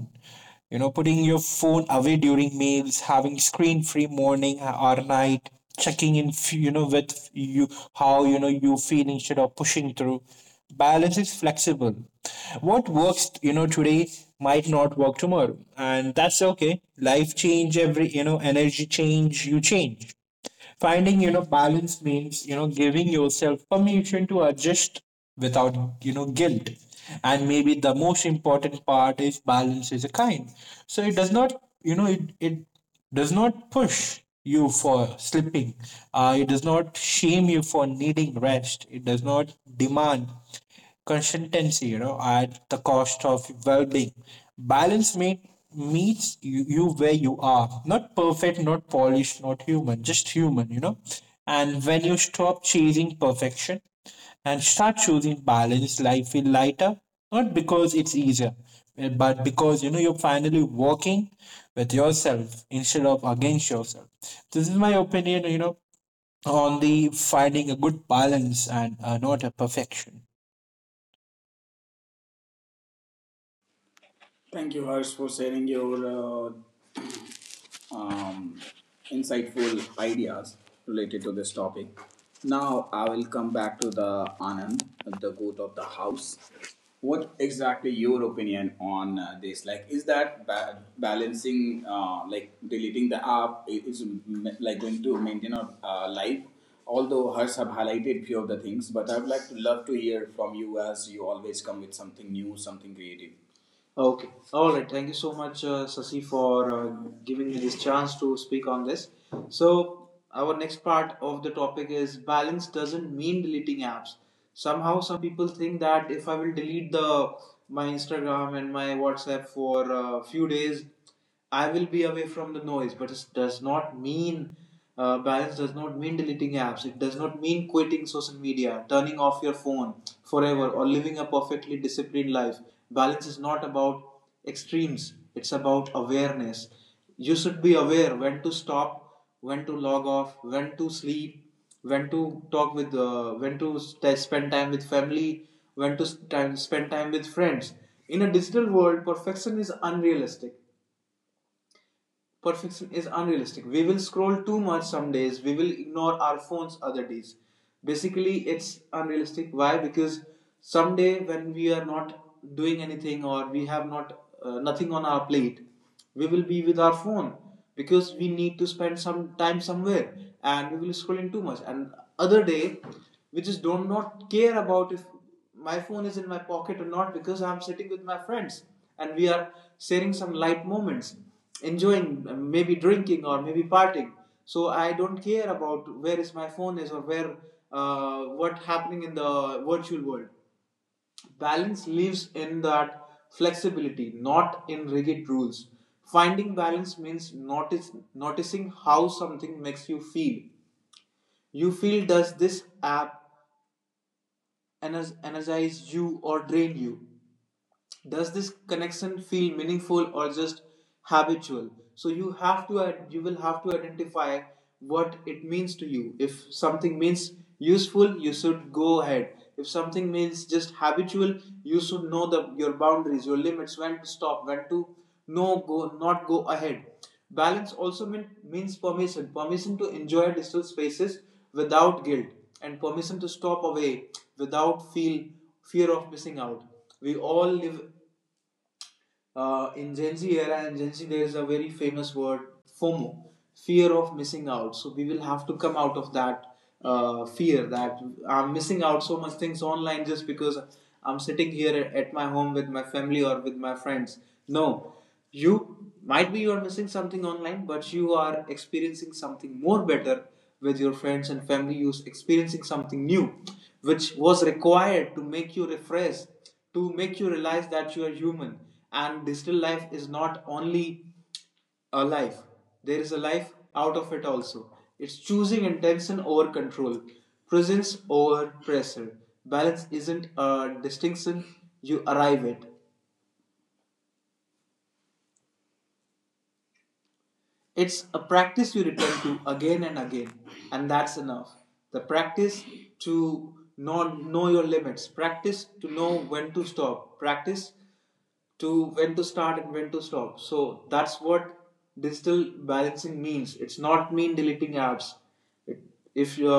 S2: you know Putting your phone away during meals, having screen free morning or night, checking in f- you know with you how you know you feel, instead of pushing through. Balance is flexible. What works, you know, today might not work tomorrow, and that's okay. Life change, every, you know, energy change, you change. Finding, you know, balance means, you know, giving yourself permission to adjust without, you know, guilt. And maybe the most important part is balance is a kind. So it does not, you know, it, it does not push you for slipping. Uh, it does not shame you for needing rest. It does not demand consistency, you know, at the cost of well-being. Balance meet, meets you, you where you are. Not perfect, not polished, not human, just human, you know. And when you stop chasing perfection and start choosing balance, life will lighter. Not because it's easier, eh, but because you know you're finally working with yourself instead of against yourself. This is my opinion, you know, on the finding a good balance and uh, not a perfection.
S1: Thank you, Harsh, for sharing your uh, um, insightful ideas related to this topic. Now I will come back to the Anand, the goat of the house. What exactly your opinion on uh, this? Like, is that ba- balancing, uh, like deleting the app, is like going to maintain our uh, life? Although Hers have highlighted few of the things, but I would like to love to hear from you, as you always come with something new, something creative. Okay. All right. Thank you so much, uh, Sasi, for uh, giving me this chance to speak on this. So, our next part of the topic is balance doesn't mean deleting apps. Somehow, some people think that if I will delete the my Instagram and my WhatsApp for a few days, I will be away from the noise, but it does not mean, uh, balance does not mean deleting apps. It does not mean quitting social media, turning off your phone forever, or living a perfectly disciplined life. Balance is not about extremes, it's about awareness. You should be aware when to stop, when to log off, when to sleep, when to talk with, uh, when to st- spend time with family, when to s- spend time with friends. In a digital world, perfection is unrealistic perfection is unrealistic. We will scroll too much some days, we will ignore our phones other days. Basically, it's unrealistic. Why? Because someday when we are not doing anything or we have not uh, nothing on our plate, we will be with our phone because we need to spend some time somewhere and we will scroll in too much. And other day, we just don't not care about if my phone is in my pocket or not because I'm sitting with my friends and we are sharing some light moments enjoying, uh, maybe drinking or maybe partying, so I don't care about where is my phone is or where uh, what happening in the virtual world. Balance lives in that flexibility, not in rigid rules. Finding balance means notice, noticing how something makes you feel you feel Does this app ener- energize you or drain you? Does this connection feel meaningful or just habitual? So you have to ad- you will have to identify what it means to you. If something means useful, you should go ahead. If something means just habitual, you should know the your boundaries, your limits, when to stop, when to no go not go ahead. Balance also mean, means permission, permission to enjoy digital spaces without guilt and permission to stop away without feel fear of missing out. We all live uh, in Gen Z era, and Gen Z there is a very famous word FOMO, fear of missing out. So we will have to come out of that uh, fear that I'm missing out so much things online just because I'm sitting here at my home with my family or with my friends. No, you might be you are missing something online, but you are experiencing something more better with your friends and family. You're experiencing something new, which was required to make you refreshed, to make you realize that you are human and digital life is not only a life, there is a life out of it also. It's choosing intention over control, presence over pressure. Balance isn't a distinction you arrive at, it's a practice you return to again and again, and that's enough. The practice to not know your limits, practice to know when to stop, practice to when to start and when to stop. So that's what digital balancing means. It's not mean deleting apps. If you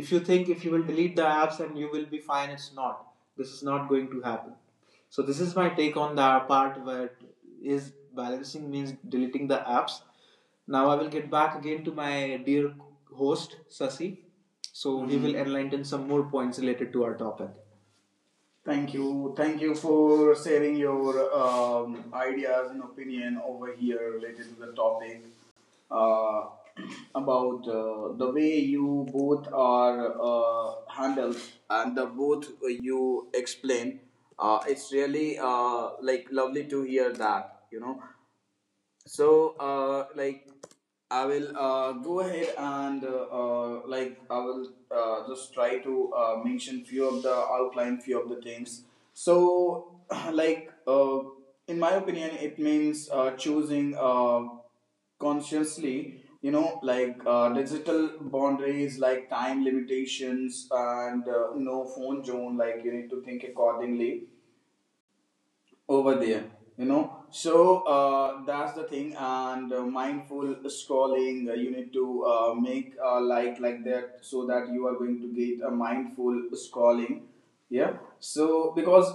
S1: if you think if you will delete the apps and you will be fine, it's not, this is not going to happen. So this is my take on the part where is balancing means deleting the apps. Now I will get back again to my dear host Sasi, so mm-hmm, he will enlighten some more points related to our topic. Thank you. Thank you for sharing your um, ideas and opinion over here related to the topic, uh, *clears throat* about uh, the way you both are uh, handled and the both you explain. Uh, it's really uh, like lovely to hear that, you know. So, uh, like, I will uh, go ahead and uh, uh, like I will uh, just try to uh, mention few of the outline, few of the things. So, *clears throat* like, uh, in my opinion, it means uh, choosing uh, consciously. You know, like, uh, digital boundaries, like time limitations, and uh, no phone zone. Like you need to think accordingly over there, you know. So, uh, that's the thing, and uh, mindful scrolling, uh, you need to uh, make a like like that so that you are going to get a mindful scrolling, yeah. So because,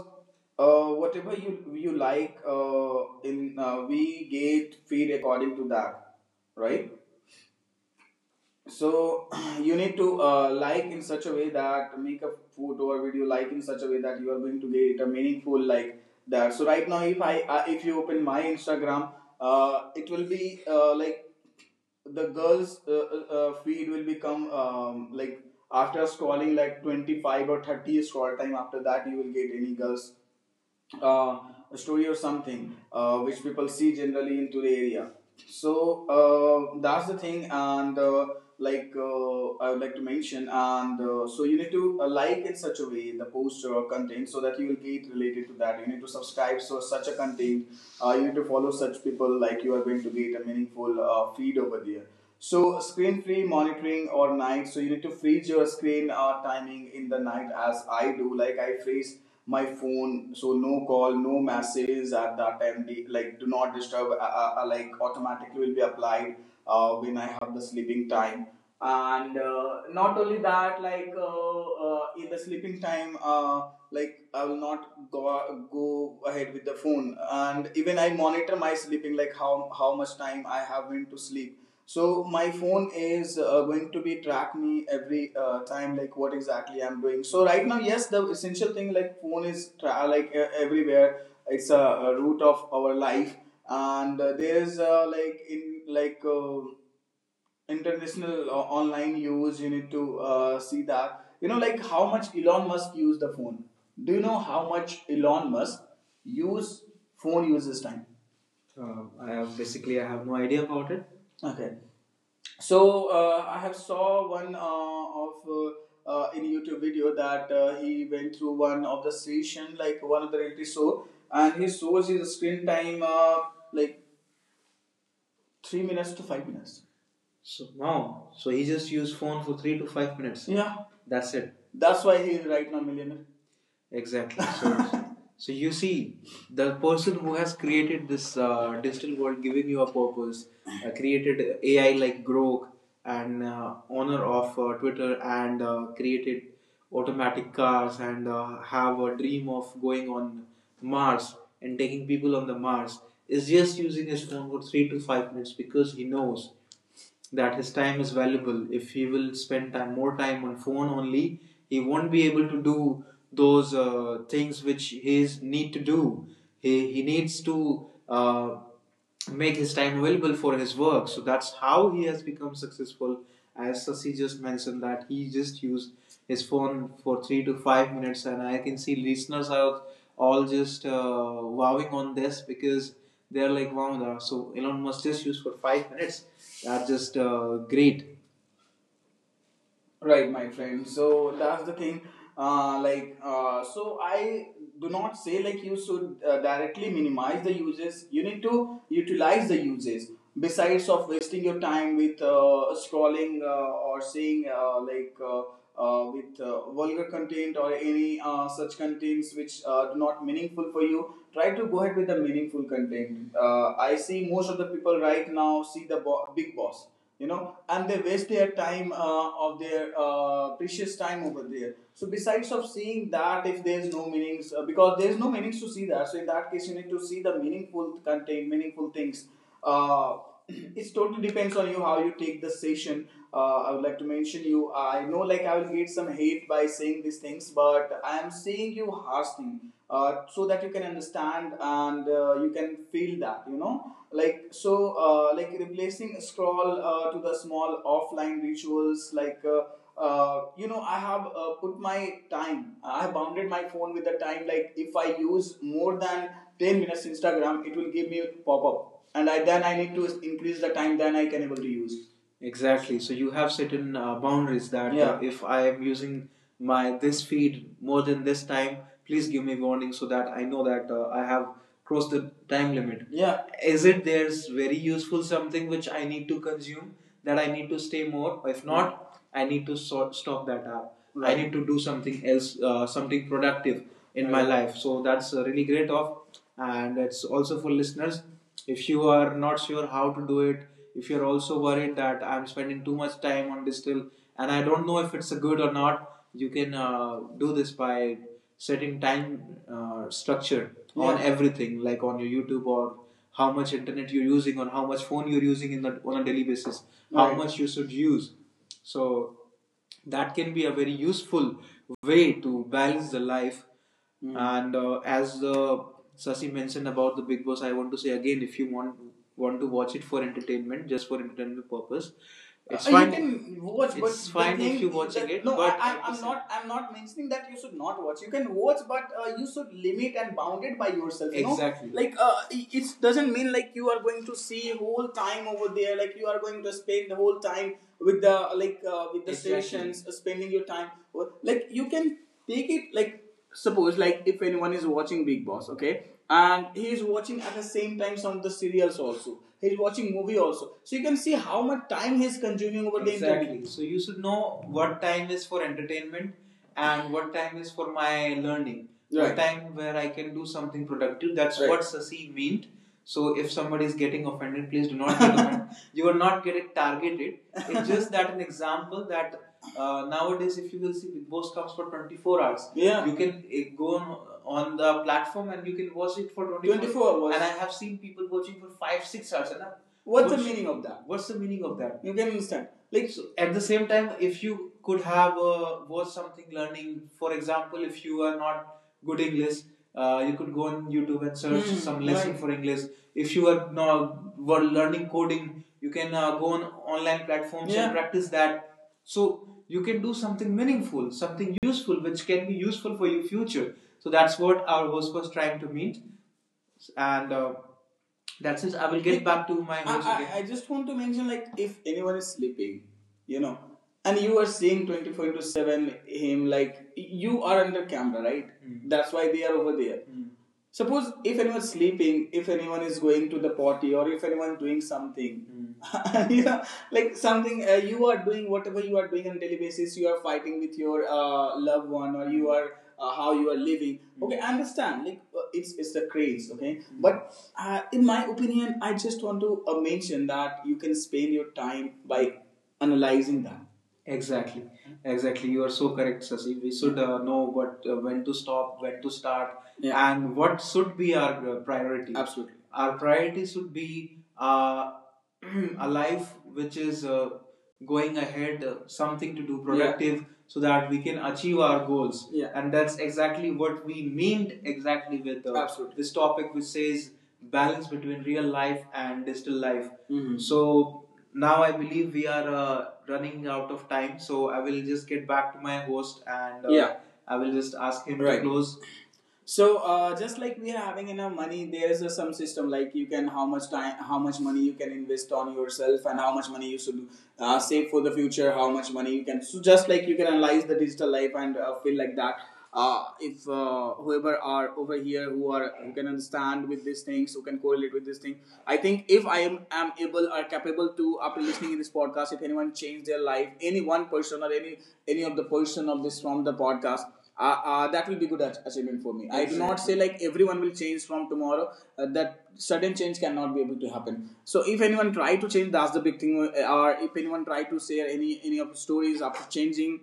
S1: uh, whatever you you like, uh, in uh, we get feed according to that, right? So *clears throat* you need to uh, like in such a way that make a photo or video like in such a way that you are going to get a meaningful like that, so right now if I uh, if you open my Instagram, uh, it will be uh, like the girls uh, uh, uh, feed will become um, like after scrolling like twenty-five or thirty scroll time, after that you will get any girls uh, a story or something, uh, which people see generally into the area. So, uh, that's the thing, and uh, like, uh, I would like to mention, and uh, so you need to uh, like in such a way the poster or content so that you will get related to that. You need to subscribe so such a content. Uh, you need to follow such people like you are going to get a meaningful uh, feed over there. So screen free monitoring or night. So you need to freeze your screen uh, timing in the night as I do. Like I freeze my phone, so no call, no messages at that time, the, like do not disturb uh, uh, uh, like automatically will be applied uh, when I have the sleeping time, and uh, not only that, like uh, uh, in the sleeping time, uh, like I will not go go ahead with the phone, and even I monitor my sleeping, like how how much time I have been to sleep. So my phone is uh, going to be track me every uh, time, like what exactly I'm doing. So right now, yes, the essential thing, like phone is tra- like uh, everywhere. It's a, a root of our life, and uh, there is uh, like in like. Uh, international uh, online use, you need to uh, see that, you know, like how much Elon Musk use the phone. Do you know how much Elon Musk use phone uses time? Uh, I have basically I have no idea about it. Okay, so uh, I have saw one uh, of uh, uh, in YouTube video that uh, he went through one of the station, like one of the reality show, and he shows his screen time, uh, like three minutes to five minutes. So now, so he just used phone for three to five minutes. Yeah. That's it. That's why he is right now millionaire. Exactly. So, *laughs* so you see, the person who has created this uh, digital world, giving you a purpose, uh, created A I like Grok and uh, owner of uh, Twitter, and uh, created automatic cars and uh, have a dream of going on Mars and taking people on the Mars, is just using his phone for three to five minutes because he knows that his time is valuable. If he will spend time more time on phone only, he won't be able to do those uh, things which he is need to do. He he needs to uh, make his time available for his work. So that's how he has become successful. As Sasi just mentioned that he just used his phone for three to five minutes, and I can see listeners are all just uh, wowing on this because they're like wow, so Elon Musk just used for five minutes are just uh, great. Right, my friend. So that's the thing. Uh, like, uh, so I do not say like you should uh, directly minimize the uses. You need to utilize the uses. Besides of wasting your time with uh, scrolling uh, or seeing uh, like uh, uh, with uh, vulgar content or any uh, such contents which uh, do not meaningful for you, try to go ahead with the meaningful content. Uh, I see most of the people right now see the bo- big boss, you know, and they waste their time uh, of their uh, precious time over there. So besides of seeing that, if there's no meanings, uh, because there's no meanings to see that, so in that case you need to see the meaningful content, meaningful things, uh, *clears throat* it totally depends on you how you take the session. uh, I would like to mention you, I know like I will get some hate by saying these things, but I am saying you harsh thing uh, so that you can understand and uh, you can feel that, you know, like. So uh, like replacing scroll uh, to the small offline rituals, like uh, uh, you know, I have uh, put my time, I have bounded my phone with the time, like if I use more than ten minutes Instagram, it will give me a pop-up, and I then I need to increase the time, then I can able to use. Exactly. So you have certain uh, boundaries that uh, yeah, if I am using my this feed more than this time, please give me warning so that I know that uh, I have crossed the time limit. Yeah. Is it there's very useful something which I need to consume that I need to stay more? If not, I need to sort, stop that app. Right. I need to do something else, uh, something productive in my right life. So that's uh, really great off, and it's also for listeners. If you are not sure how to do it, if you're also worried that I'm spending too much time on this and I don't know if it's a good or not, you can uh, do this by setting time uh, structure, yeah, on, yeah, everything, like on your YouTube or how much internet you're using or how much phone you're using in the, on a daily basis, right, how, right, much you should use, so that can be a very useful way to balance the life. Mm. And uh, as uh, Sasi mentioned about the Big Boss, I want to say again, if you want want to watch it for entertainment, just for entertainment purpose, it's, uh, fine. You can watch, but it's fine thing if you're watching that- it. No, but I, I'm, not. I'm not mentioning that you should not watch. You can watch, but uh, you should limit and bound it by yourself. You, exactly, know? Like uh, it doesn't mean like you you are going to see whole time over there, like you are going to spend the whole time with the, like, uh, with the, exactly, stations uh, spending your time. Like you can take it like, suppose, like if anyone is watching Big Boss, okay, and he is watching at the same time some of the serials also, he's watching movie also, so you can see how much time he's consuming over, exactly, the internet. Exactly. So you should know what time is for entertainment and what time is for my learning, right, what, right, time where I can do something productive. That's, right, what Sasi meant. So if somebody is getting offended, please do not get offended. *laughs* You are not getting targeted. It's just that an example that uh, nowadays, if you will see, Big Boss comes for twenty-four hours. Yeah. You can uh, go on, on the platform and you can watch it for 24 24 was. And I have seen people watching for five, six hours. And What's what's the meaning of that? What's the meaning of that? You can understand, like. So at the same time, if you could have uh, watched something learning, for example, if you are not good English, uh, you could go on YouTube and search, hmm, some lesson, right, for English. If you are not were learning coding, you can uh, go on online platforms, yeah, and practice that. So you can do something meaningful, something useful, which can be useful for your future. So that's what our host was trying to meet, and uh, that's it. I will get back to my homes, I, host again. I just want to mention, like, if anyone is sleeping, you know, and you are seeing twenty-four into seven him, like you are under camera, right? Mm. That's why they are over there. Mm. Suppose if anyone is sleeping, if anyone is going to the potty, or if anyone is doing something, mm. *laughs* You know, like something, uh, you are doing whatever you are doing on a daily basis, you are fighting with your uh, loved one, or you are, uh, how you are living. Okay, I understand. Like uh, it's it's the craze. Okay, mm-hmm, but uh, in my opinion, I just want to uh, mention that you can spend your time by analyzing that. Exactly, exactly. You are so correct, Sasi. We should uh, know what, uh, when to stop, when to start, yeah, and what should be our uh, priority. Absolutely. Our priority should be uh, *clears throat* a life which is uh, going ahead, uh, something to do, yeah, productive, so that we can achieve our goals. Yeah. And that's exactly what we meant, exactly, with uh, absolutely, this topic, which says balance between real life and digital life. Mhm. So now I believe we are uh, running out of time. So I will just get back to my host, and uh, yeah, I will just ask him, right, to close. So uh, just like we are having in our money, there is a, some system, like you can how much time, how much money you can invest on yourself, and how much money you should uh, save for the future. How much money you can. So just like you can analyze the digital life and uh, feel like that. Uh, if uh, whoever are over here who are who can understand with these things, who can correlate with this thing, I think if I am, am able or capable to after listening in this podcast, if anyone change their life, any one person or any any of the person of this from the podcast, uh, uh, that will be good achievement for me. Exactly. I do not say like everyone will change from tomorrow. Uh, that sudden change cannot be able to happen. So if anyone try to change, that's the big thing. uh, Or if anyone try to share any any of the stories after changing,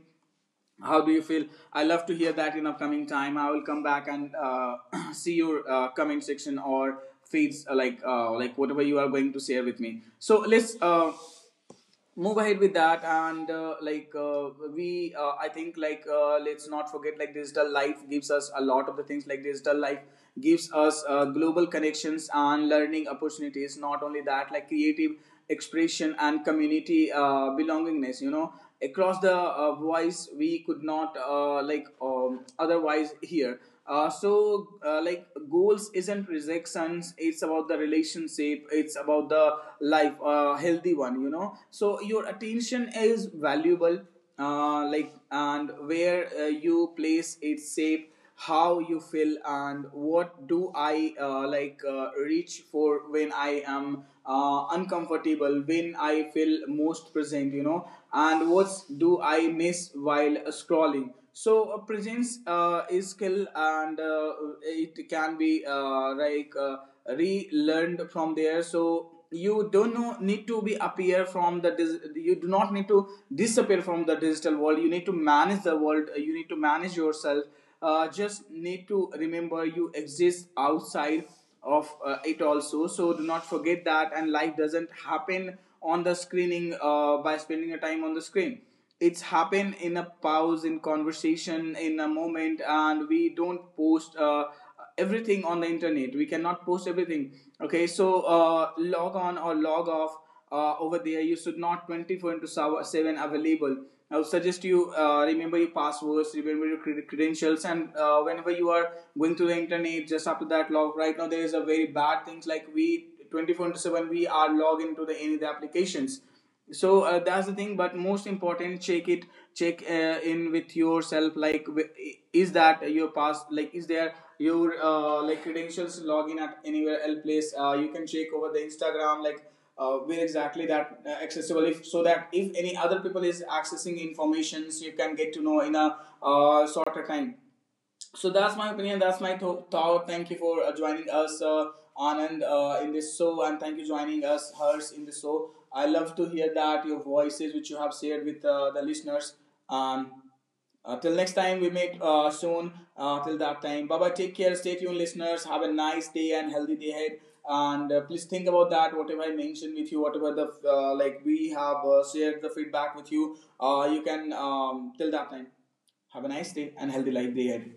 S1: how do you feel? I love to hear that in upcoming time. I will come back and uh, *clears throat* see your uh, comment section or feeds, uh, like, uh, like whatever you are going to share with me. So let's, Uh, move ahead with that, and uh, like uh, we uh, I think, like, uh, let's not forget, like digital life gives us a lot of the things, like digital life gives us uh, global connections and learning opportunities. Not only that, like creative expression and community uh, belongingness, you know, across the uh, voice we could not uh, like um, otherwise hear. Uh, so, uh, like, goals isn't rejections. It's about the relationship. It's about the life, uh, healthy one, you know. So your attention is valuable. Uh, like, and where uh, you place it shape how you feel, and what do I uh, like uh, reach for when I am uh, uncomfortable, when I feel most present, you know, and what do I miss while scrolling. So uh, presence uh, is skill, and uh, it can be uh, like uh, relearned from there. So you don't know, need to be appear from the. Dis- you do not need to disappear from the digital world. You need to manage the world. You need to manage yourself. Uh, just need to remember you exist outside of uh, it also. So do not forget that. And life doesn't happen on the screening, uh, by spending a time on the screen. It's happened in a pause, in conversation, in a moment. And we don't post uh, everything on the internet, we cannot post everything. Okay, so uh, log on or log off, uh, over there you should not twenty-four into seven available. I would suggest you, uh, remember your passwords, remember your credentials, and uh, whenever you are going through the internet, just after that log right now. There is a very bad things, like we twenty-four into seven we are logged into the any of the applications. So uh, that's the thing. But most important, check it, check uh, in with yourself, like is that your pass, like is there your uh, like credentials login at anywhere else place, uh, you can check over the Instagram, like uh, where exactly that uh, accessible, if so that if any other people is accessing informations you can get to know in a uh, shorter time. So that's my opinion, that's my tho- thought. Thank you for uh, joining us, uh, Anand, uh, in this show, and thank you joining us, Harsh, in this show. I love to hear that your voices which you have shared with uh, the listeners. um, uh, Till next time we meet uh, soon, uh, till that time, bye bye, take care, stay tuned, listeners. Have a nice day and healthy day ahead. And uh, please think about that whatever I mentioned with you, whatever the uh, like we have uh, shared the feedback with you, uh, you can, um, till that time have a nice day and healthy life day ahead.